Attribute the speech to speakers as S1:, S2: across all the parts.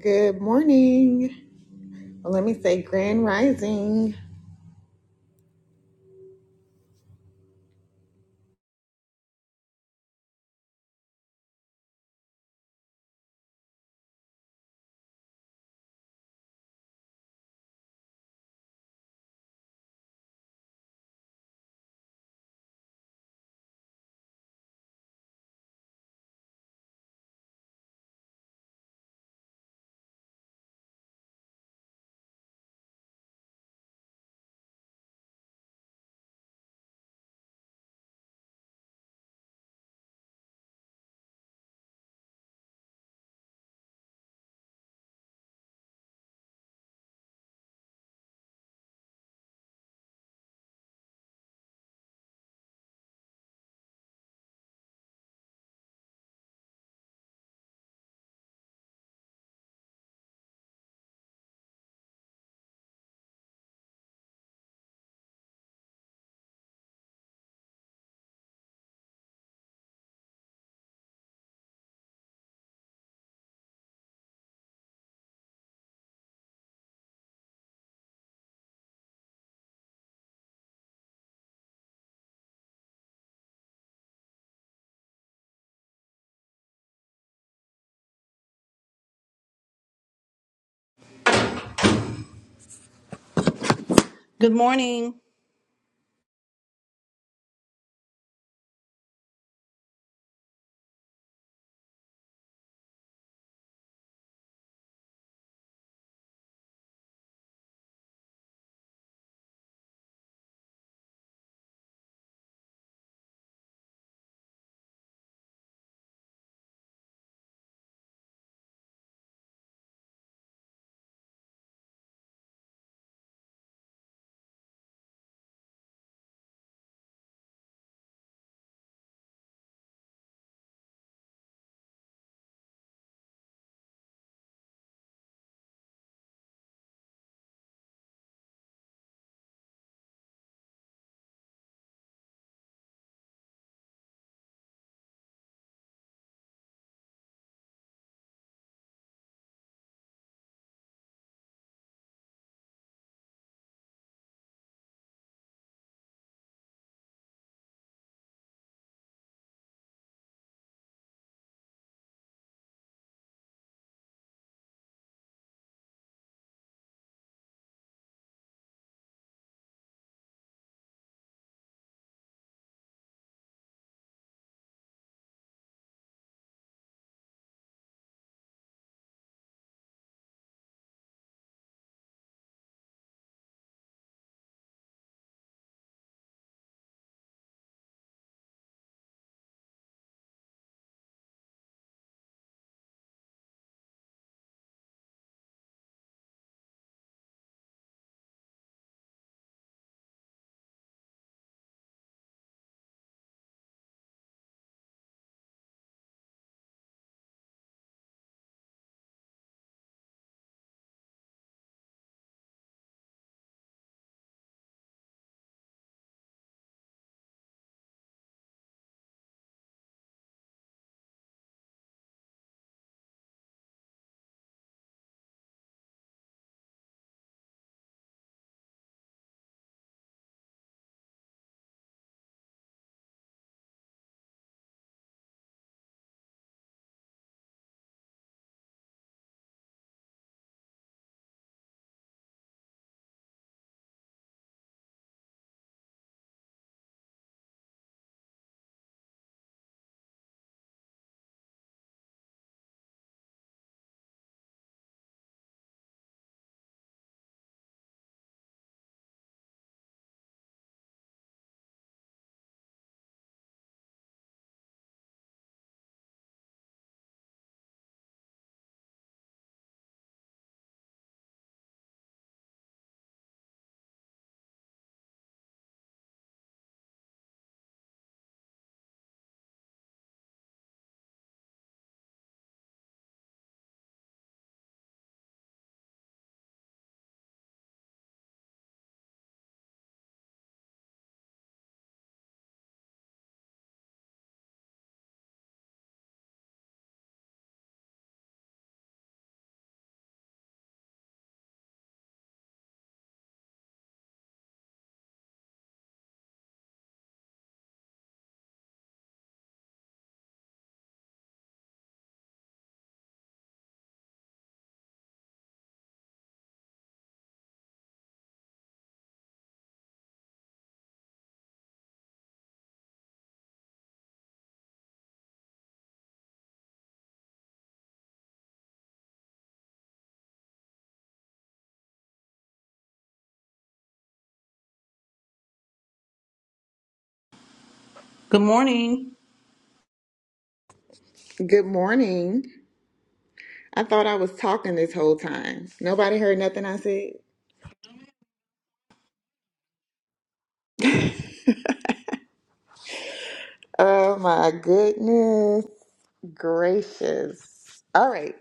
S1: Good morning. Well, let me say grand rising.
S2: Good morning. Good morning.
S1: Good morning. I thought I was talking this whole time. Nobody heard nothing I said. Oh my goodness gracious. All right.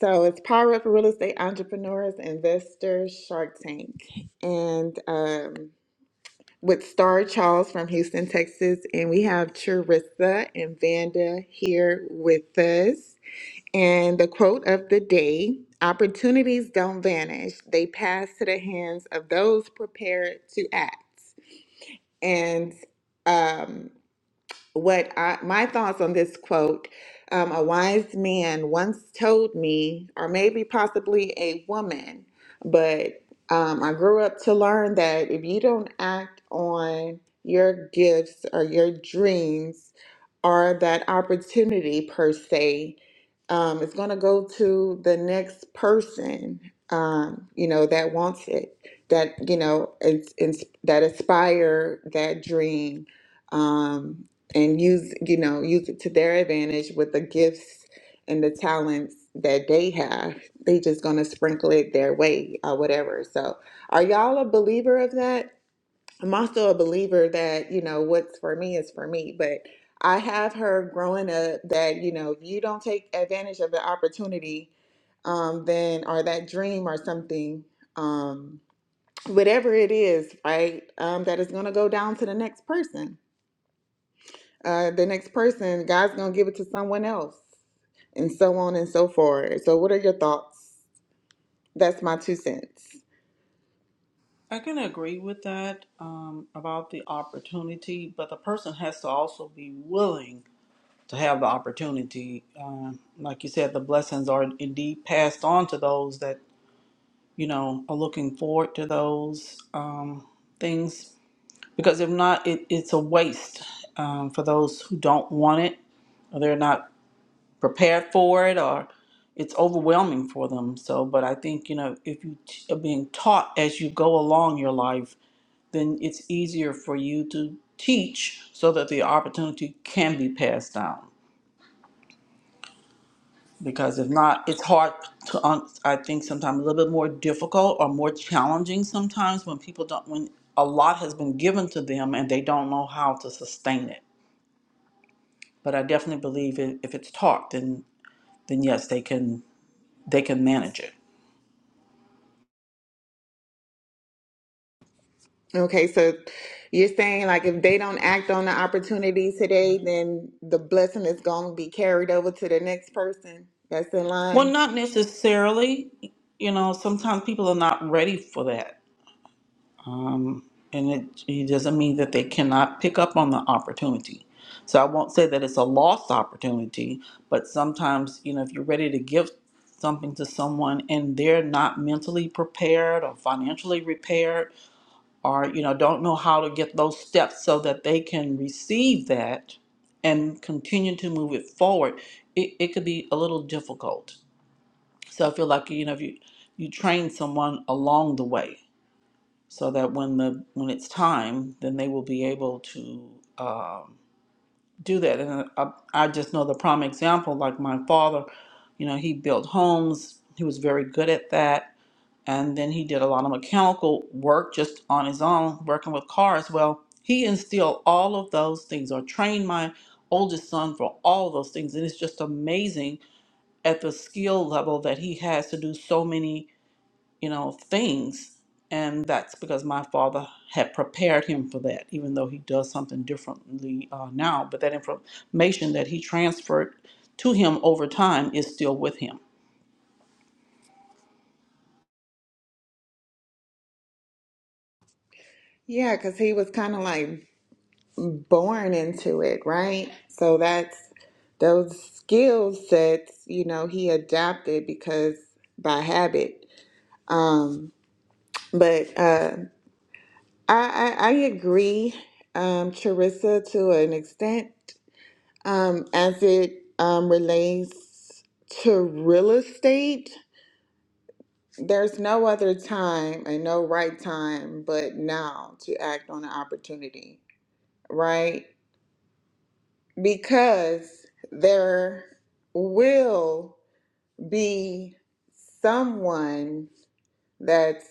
S1: So it's Power Up Real Estate Entrepreneurs, Investors, Shark Tank, and um, with Star Charles from Houston, Texas. And we have Charissa and Vanda here with us. And the quote of the day opportunities don't vanish, they pass to the hands of those prepared to act. And um, what I, my thoughts on this quote um, a wise man once told me or maybe possibly a woman but um, i grew up to learn that if you don't act on your gifts or your dreams or that opportunity per se um, it's going to go to the next person um, you know that wants it that you know it's, it's that aspire that dream um, and use you know use it to their advantage with the gifts and the talents that they have they just gonna sprinkle it their way or whatever so are y'all a believer of that i'm also a believer that you know what's for me is for me but i have heard growing up that you know if you don't take advantage of the opportunity um then or that dream or something um whatever it is right um that is gonna go down to the next person uh, the next person, God's going to give it to someone else, and so on and so forth. So, what are your thoughts? That's my two cents.
S2: I can agree with that um, about the opportunity, but the person has to also be willing to have the opportunity. Uh, like you said, the blessings are indeed passed on to those that you know are looking forward to those um, things, because if not, it, it's a waste um, for those who don't want it or they're not prepared for it or it's overwhelming for them. So, but I think, you know, if you t- are being taught as you go along your life, then it's easier for you to teach so that the opportunity can be passed down. Because if not, it's hard to, um, I think, sometimes a little bit more difficult or more challenging sometimes when people don't, when a lot has been given to them and they don't know how to sustain it. But I definitely believe i- if it's taught, then, then yes, they can, they can manage it.
S1: Okay, so you're saying like if they don't act on the opportunity today, then the blessing is going to be carried over to the next person that's in
S2: Well,
S1: line.
S2: not necessarily. You know, sometimes people are not ready for that. Um, and it, it doesn't mean that they cannot pick up on the opportunity. So I won't say that it's a lost opportunity, but sometimes, you know, if you're ready to give something to someone and they're not mentally prepared or financially prepared or, you know, don't know how to get those steps so that they can receive that and continue to move it forward, it, it could be a little difficult. So I feel like you know if you you train someone along the way, so that when the when it's time, then they will be able to um, do that. And uh, I, I just know the prime example, like my father, you know, he built homes. He was very good at that, and then he did a lot of mechanical work just on his own, working with cars. Well, he instilled all of those things, or trained my oldest son for all those things, and it's just amazing at the skill level that he has to do so many you know, things. And that's because my father had prepared him for that, even though he does something differently uh, now. But that information that he transferred to him over time is still with him.
S1: Yeah, because he was kind of like born into it, right? So that's those skill sets, you know, he adapted because by habit. Um, but uh, I, I, I agree, um, Charissa, to an extent, um, as it um, relates to real estate. There's no other time and no right time but now to act on an opportunity, right? Because there will be someone that's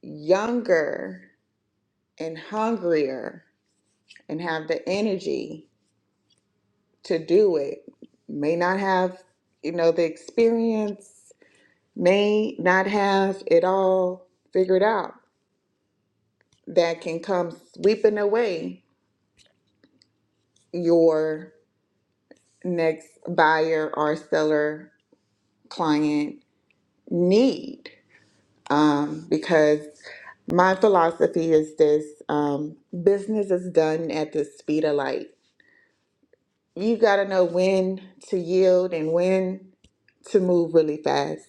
S1: younger and hungrier and have the energy to do it may not have you know the experience may not have it all figured out that can come sweeping away your next buyer or seller client need um, because my philosophy is this um, business is done at the speed of light you got to know when to yield and when to move really fast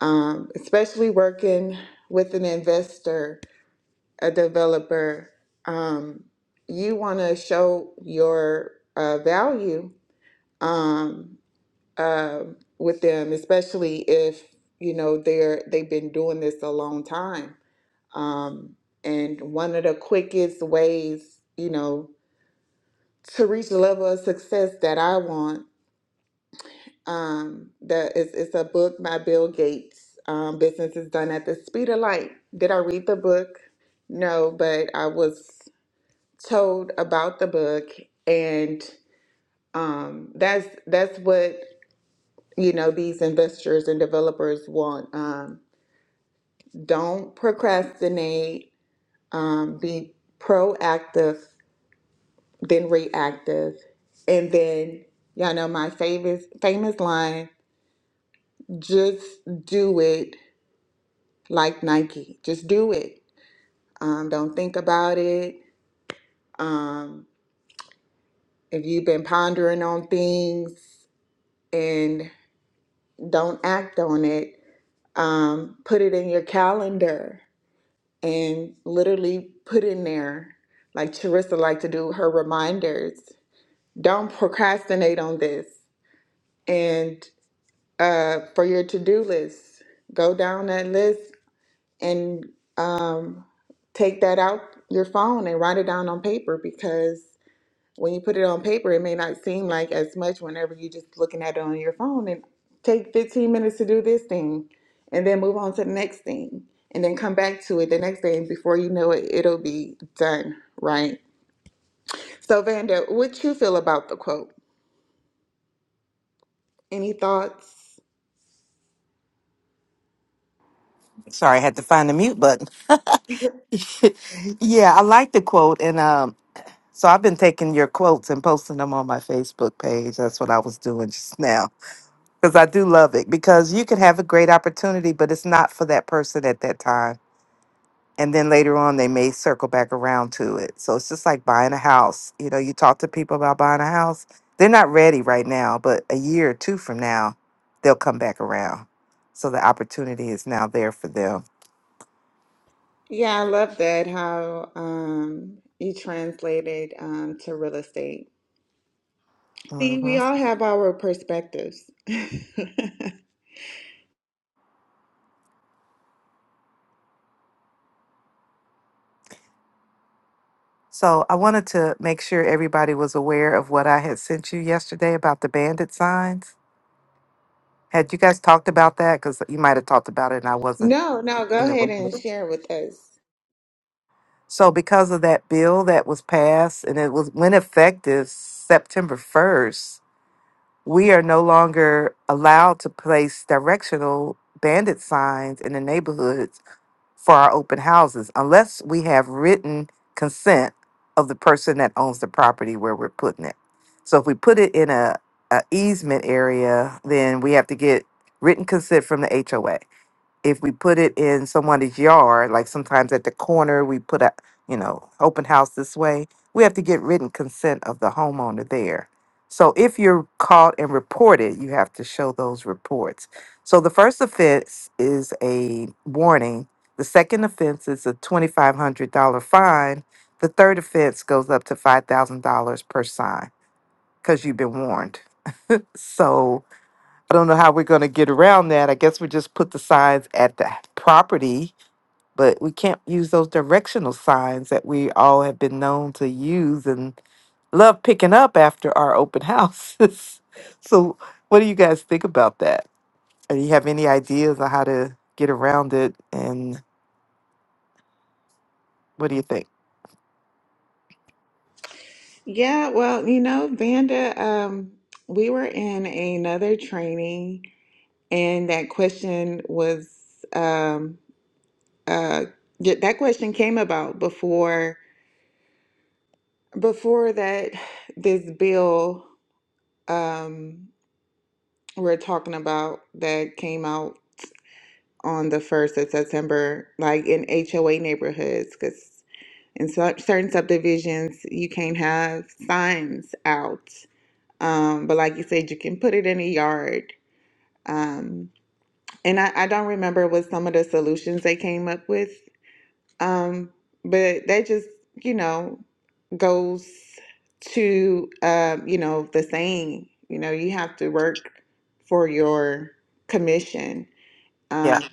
S1: um, especially working with an investor, a developer, um, you want to show your uh, value um, uh, with them, especially if you know they're they've been doing this a long time. Um, and one of the quickest ways, you know, to reach the level of success that I want Um, the it's a book by Bill Gates. Um, Business is done at the speed of light. Did I read the book? No, but I was told about the book, and um, that's that's what you know these investors and developers want. Um, don't procrastinate. Um, be proactive, then reactive, and then y'all know my famous famous line: just do it like Nike. Just do it. Um, don't think about it. Um, if you've been pondering on things and don't act on it, um, put it in your calendar and literally put in there, like Charissa like to do her reminders. Don't procrastinate on this. And uh, for your to-do list, go down that list and um, take that out your phone and write it down on paper because when you put it on paper, it may not seem like as much whenever you're just looking at it on your phone and take 15 minutes to do this thing and then move on to the next thing and then come back to it the next day. And before you know it, it'll be done, right? So, Vanda, what you feel about the quote? Any thoughts?
S3: Sorry, I had to find the mute button. yeah, I like the quote, and um, so I've been taking your quotes and posting them on my Facebook page. That's what I was doing just now because I do love it because you could have a great opportunity, but it's not for that person at that time. And then later on, they may circle back around to it. So it's just like buying a house. You know, you talk to people about buying a house, they're not ready right now, but a year or two from now, they'll come back around. So the opportunity is now there for them.
S1: Yeah, I love that how um, you translated um, to real estate. See,
S3: Mm-hmm.
S1: we all have our perspectives.
S3: So I wanted to make sure everybody was aware of what I had sent you yesterday about the bandit signs. Had you guys talked about that? Because you might have talked about it and I wasn't
S1: no, no, go
S3: in the
S1: ahead
S3: room.
S1: and
S3: Mhm.
S1: share with us.
S3: So because of that bill that was passed and it was went effective September 1st, we are no longer allowed to place directional bandit signs in the neighborhoods for our open houses unless we have written consent of the person that owns the property where we're putting it. So if we put it in a, a easement area, then we have to get written consent from the HOA if we put it in someone's yard, like sometimes at the corner, we put a, you know, open house this way, we have to get written consent of the homeowner there. So if you're caught and reported, you have to show those reports. So the first offense is a warning. The second offense is a $2,500 fine. The third offense goes up to $5,000 per sign because you've been warned. So I don't know how we're going to get around that. I guess we just put the signs at the property, but we can't use those directional signs that we all have been known to use and love picking up after our open houses. so, what do you guys think about that? Or Do you have any ideas on how to get around it? And what do you think?
S1: Yeah, well, you know, Vanda, um, we were in another training, and that question was um, uh, th- that question came about before before that this bill um, we're talking about that came out on the first of September, like in HOA neighborhoods, because in cer- certain subdivisions you can't have signs out, um, but like you said, you can put it in a yard Um, and I, I don't remember what some of the solutions they came up with, um, but that just, you know, goes to, um, you know, the saying, you know, you have to work for your commission. Um,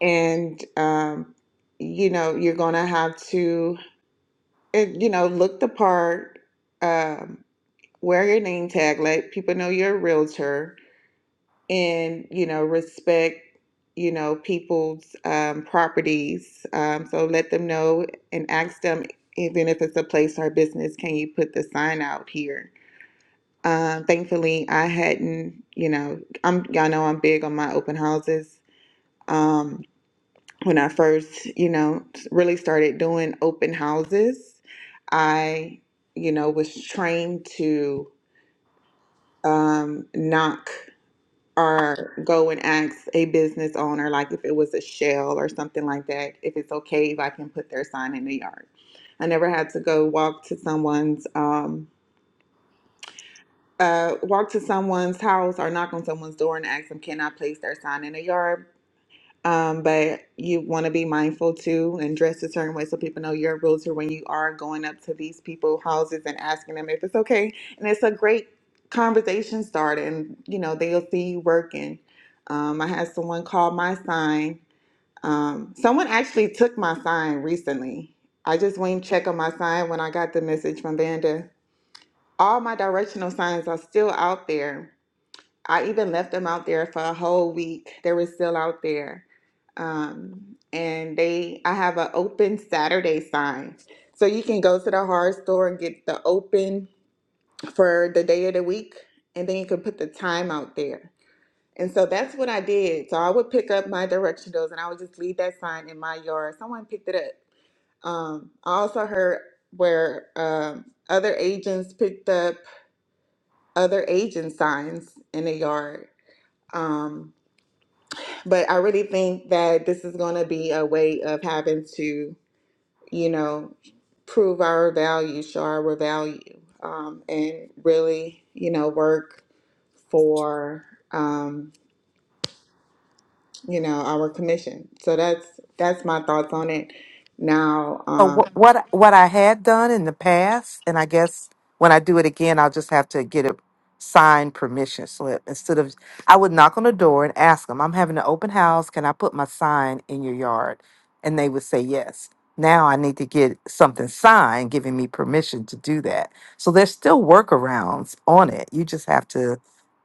S1: and, um, you know, you're going to have to, eh, you know, look the part, um, wear your name tag, let people know you're a realtor and you know respect you know people's um, properties um, so let them know and ask them even if it's a place or business can you put the sign out here um, thankfully i hadn't you know i'm y'all know i'm big on my open houses um, when i first you know really started doing open houses i you know was trained to um, knock or go and ask a business owner, like if it was a shell or something like that, if it's okay if I can put their sign in the yard. I never had to go walk to someone's um, uh, walk to someone's house or knock on someone's door and ask them, "Can I place their sign in the yard?" Um, but you want to be mindful too and dress a certain way so people know you're a realtor when you are going up to these people houses and asking them if it's okay. And it's a great conversation starter, and you know they'll see you working. Um, I had someone call my sign. Um, someone actually took my sign recently. I just went and checked on my sign when I got the message from Vanda. All my directional signs are still out there I even left them out there for a whole week. They were still out there. Um, and they, I have an open Saturday sign. So you can go to the hard store and get the open for the day of the week, and then you can put the time out there. And so that's what I did. So I would pick up my directionals and I would just leave that sign in my yard. Someone picked it up. Um, I also heard where um, other agents picked up other agent signs in the yard. Um, But I really think that this is going to be a way of having to, you know, prove our value, show our value, um, and really, you know, work for, um, you know, our commission. So that's that's my thoughts on it. Now,
S3: So
S1: um,
S3: wh- what what I had done in the past, and I guess when I do it again, I'll just have to get a signed permission slip instead of I would knock on the door and ask them, "I'm having an open house. Can I put my sign in your yard?" And they would say yes. Now I need to get something signed giving me permission to do that. So there's still workarounds on it. You just have to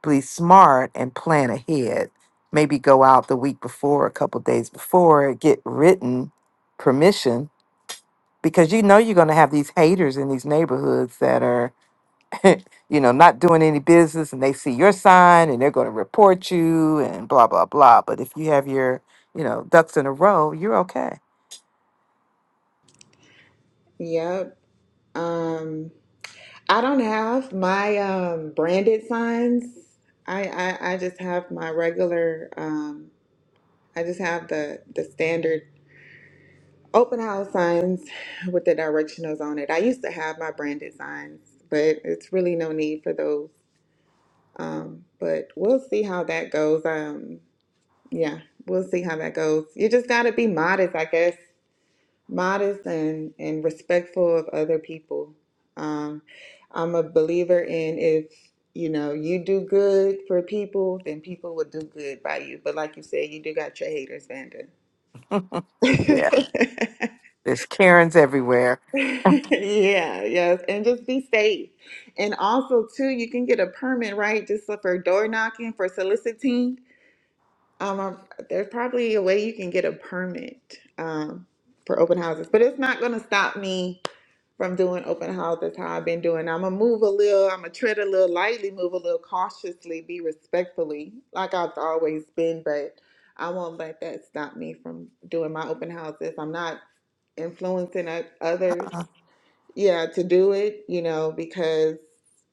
S3: be smart and plan ahead. Maybe go out the week before, a couple days before, get written permission because you know you're going to have these haters in these neighborhoods that are you know not doing any business and they see your sign and they're going to report you and blah blah blah but if you have your you know ducks in a row you're okay
S1: yep. Um, I don't have my um, branded signs. I, I I just have my regular. Um, I just have the the standard Open house signs with the directionals on it. I used to have my branded signs, but it's really no need for those. Um, but we'll see how that goes. Um, yeah, we'll see how that goes. You just gotta be modest, I guess. Modest and and respectful of other people. Um, I'm a believer in if you know you do good for people, then people will do good by you. But like you said, you do got your haters, Vanda.
S3: yeah there's karens everywhere
S1: Yeah, yes, and just be safe. And also, too, you can get a permit, right? Just look for door knocking, for soliciting. Um, um, there's probably a way you can get a permit um, for open houses, but it's not going to stop me from doing open houses how I've been doing. I'm gonna move a little, I'm gonna tread a little lightly, move a little cautiously, be respectfully, like I've always been, but I won't let that stop me from doing my open houses. I'm not influencing o- others
S3: Uh,
S1: yeah, to do it, you know, because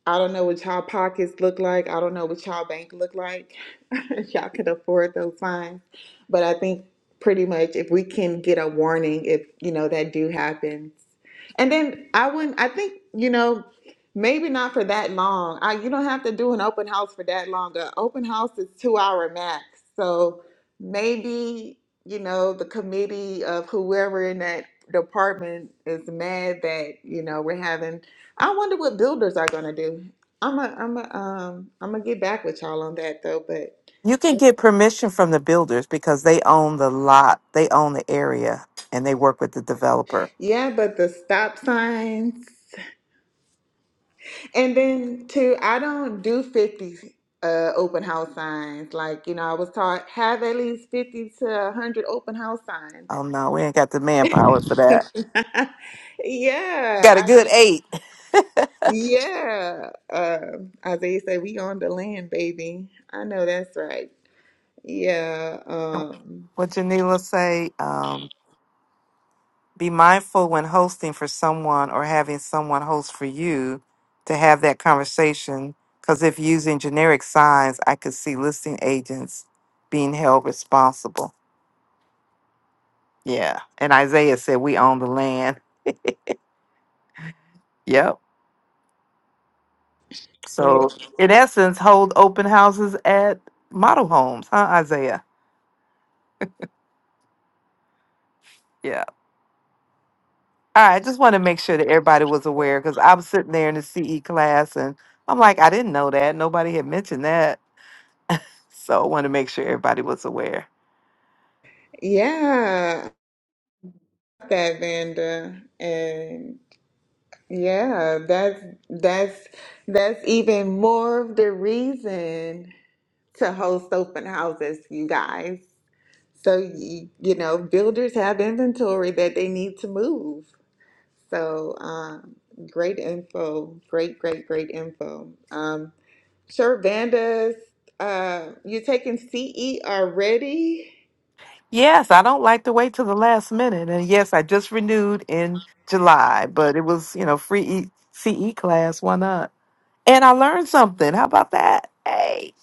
S1: I don't know what y'all pockets look like. I don't know what y'all bank look like. if y'all can afford those fines. But I think pretty much if we can get a warning if, you know, that do happens. And then I wouldn't I think, you know, maybe not for that long. I you don't have to do an open house for that long. An open house is two hour max. So maybe you know, the committee of whoever in that department is mad that, you know, we're having, I wonder what builders are gonna do. I'm a, I'm a, um, I'm gonna get back with y'all on that though, but
S3: you can get permission from the builders because they own the lot they own the area and they work with the developer
S1: yeah, but the stop signs. And then too, I don't do 50 uh, open house signs. Like, you know, I was taught have at least 50 to 100 open house signs.
S3: oh no we ain't got the manpower for that
S1: yeah,
S3: got a
S1: I mean,
S3: good eight
S1: Yeah. Uh, Isaiah said, we on the land, baby. I know that's right. Yeah. Um,
S3: what janila say Um, Be mindful when hosting for someone or having someone host for you to have that conversation. Because if using generic signs, I could see listing agents being held responsible. Yeah. And Isaiah said, We own the land. Yep.
S1: yeah.
S3: So, in essence, hold open houses at model homes, huh, Isaiah? Yeah. All right. I just want to make sure that everybody was aware because I was sitting there in the CE class and I'm like, I didn't know that. Nobody had mentioned that. So, I want to make sure everybody was aware.
S1: Yeah. That Vanda. And yeah, that's that's that's even more of the reason to host open houses, you guys. So you, you know, builders have inventory that they need to move. So um, great info, great, great, great info. Um, Sure, Vanda's, uh, you're taking CE already?
S3: Yes, I don't like to wait till the last minute. And yes, I just renewed in July, but it was, you know, free e- CE class. Why not? And I learned something. How about that? Hey,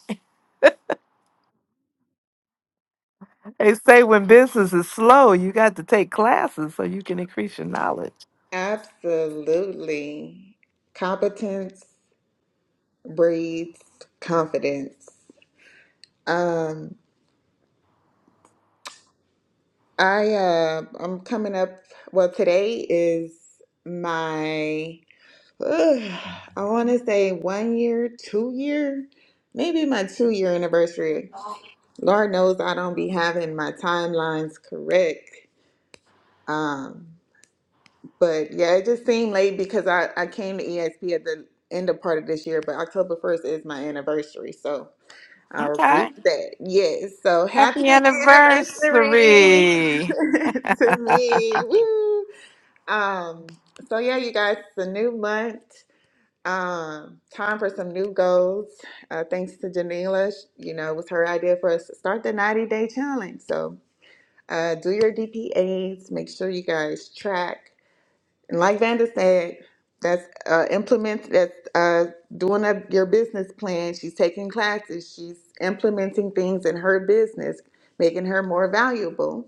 S3: they say when business is slow, you got to take classes so you can increase your knowledge.
S1: Absolutely. Competence breeds confidence. Um, I uh, I'm coming up. Well, today is my ugh, I want to say one year, two year, maybe my two year anniversary. Lord knows I don't be having my timelines correct. Um, But yeah, it just seemed late because I, I came to ESP at the end of part of this year, but October 1st is my anniversary. So I'll
S3: Okay.
S1: reset. Yes. So happy
S3: Happy
S1: anniversary
S3: anniversary.
S1: to me. Woo. Um, so yeah, you guys, it's a new month. Um, time for some new goals. Uh, thanks to Janila. Sh- You know, it was her idea for us to start the 90 day challenge. So uh, do your DPAs. Make sure you guys track. And like Vanda said, that's uh, implement that's uh, doing up your business plan. She's taking classes. She's implementing things in her business, making her more valuable.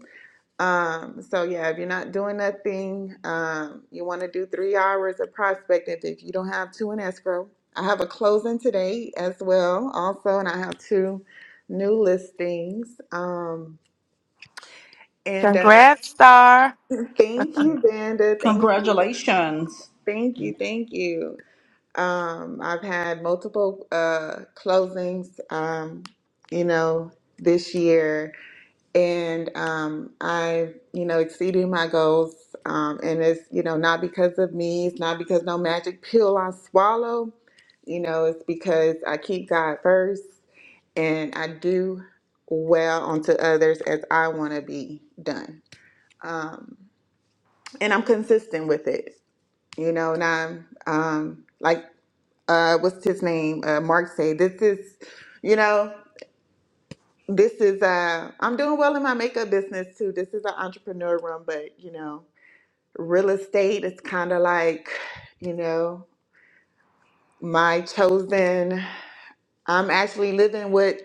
S1: Um, so yeah, if you're not doing nothing, um, you want to do three hours of prospecting. If you don't have two in escrow, I have a closing today as well, also, and I have two new listings. Um, and uh,
S3: Congrats, Star.
S1: thank you, Vanda. Thank you.
S2: Congratulations.
S1: Thank you. Thank you. Um, I've had multiple uh, closings, um, you know, this year, and um, I've, you know, exceeded my goals. Um, and it's, you know, not because of me. It's not because no magic pill I swallow. You know, it's because I keep God first, and I do well onto others as I want to be done. Um, and I'm consistent with it. You know, and I'm um, like uh what's his name uh mark say this is you know this is uh i'm doing well in my makeup business too this is an entrepreneur room but you know real estate is kind of like you know my chosen i'm actually living what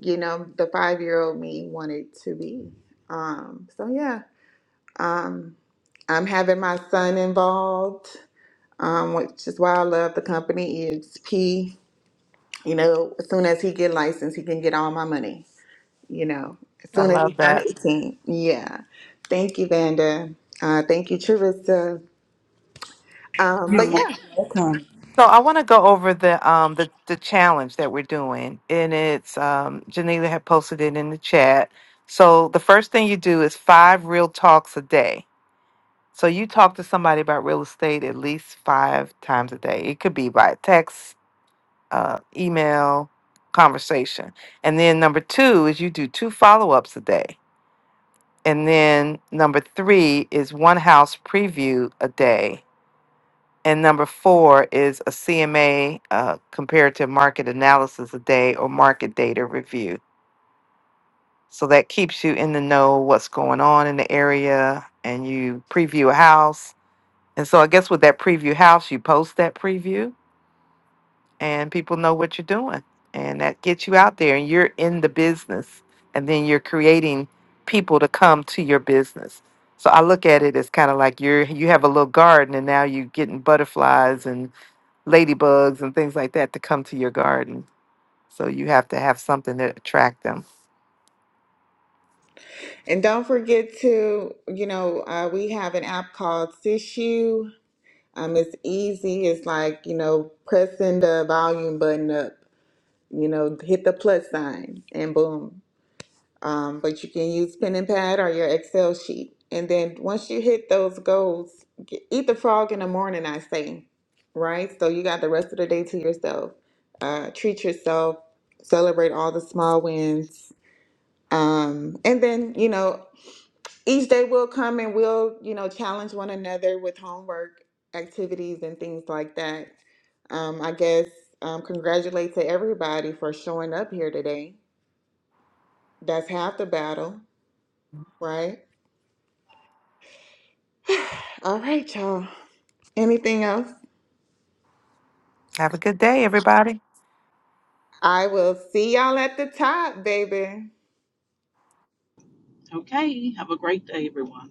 S1: you know the five year old me wanted to be um so yeah i'm having my son involved um which is why i love the company exp you know as soon as he get licensed he can get all my money you know, as
S3: I
S1: soon as you
S3: love
S1: turn
S3: that.
S1: 18. Yeah. Thank you, Vanda. Uh, thank you, Trevista. Um,
S2: You're
S1: but yeah,
S2: most welcome.
S3: So I want to go over the um the the challenge that we're doing, and it's um Janila had posted it in the chat. So the first thing you do is five real talks a day. So you talk to somebody about real estate at least five times a day. It could be by text, uh, email, conversation, and then number two is you do two follow ups a day, and then number three is one house preview a day, and number four is a CMA uh, comparative market analysis a day or market data review. So that keeps you in the know what's going on in the area and you preview a house. And so I guess with that preview house, you post that preview and people know what you're doing. And that gets you out there and you're in the business. And then you're creating people to come to your business. So I look at it as kind of like you're you have a little garden and now you're getting butterflies and ladybugs and things like that to come to your garden. So you have to have something to attract them.
S1: and don't forget to, you know, uh, we have an app called Sisu. Um, it's easy. It's like, you know, pressing the volume button up, you know, hit the plus sign and boom. Um, but you can use pen and pad or your Excel sheet. And then once you hit those goals, get, eat the frog in the morning, I say, right? So you got the rest of the day to yourself. Uh, treat yourself, celebrate all the small wins. Um, and then, you know, each day will come and we'll, you know, challenge one another with homework, activities, and things like that. Um, I guess um, congratulate to everybody for showing up here today. That's half the battle, right? All right, y'all. Anything else?
S3: Have a good day, everybody.
S1: I will see y'all at the top, baby.
S2: Okay. Have a great day, everyone.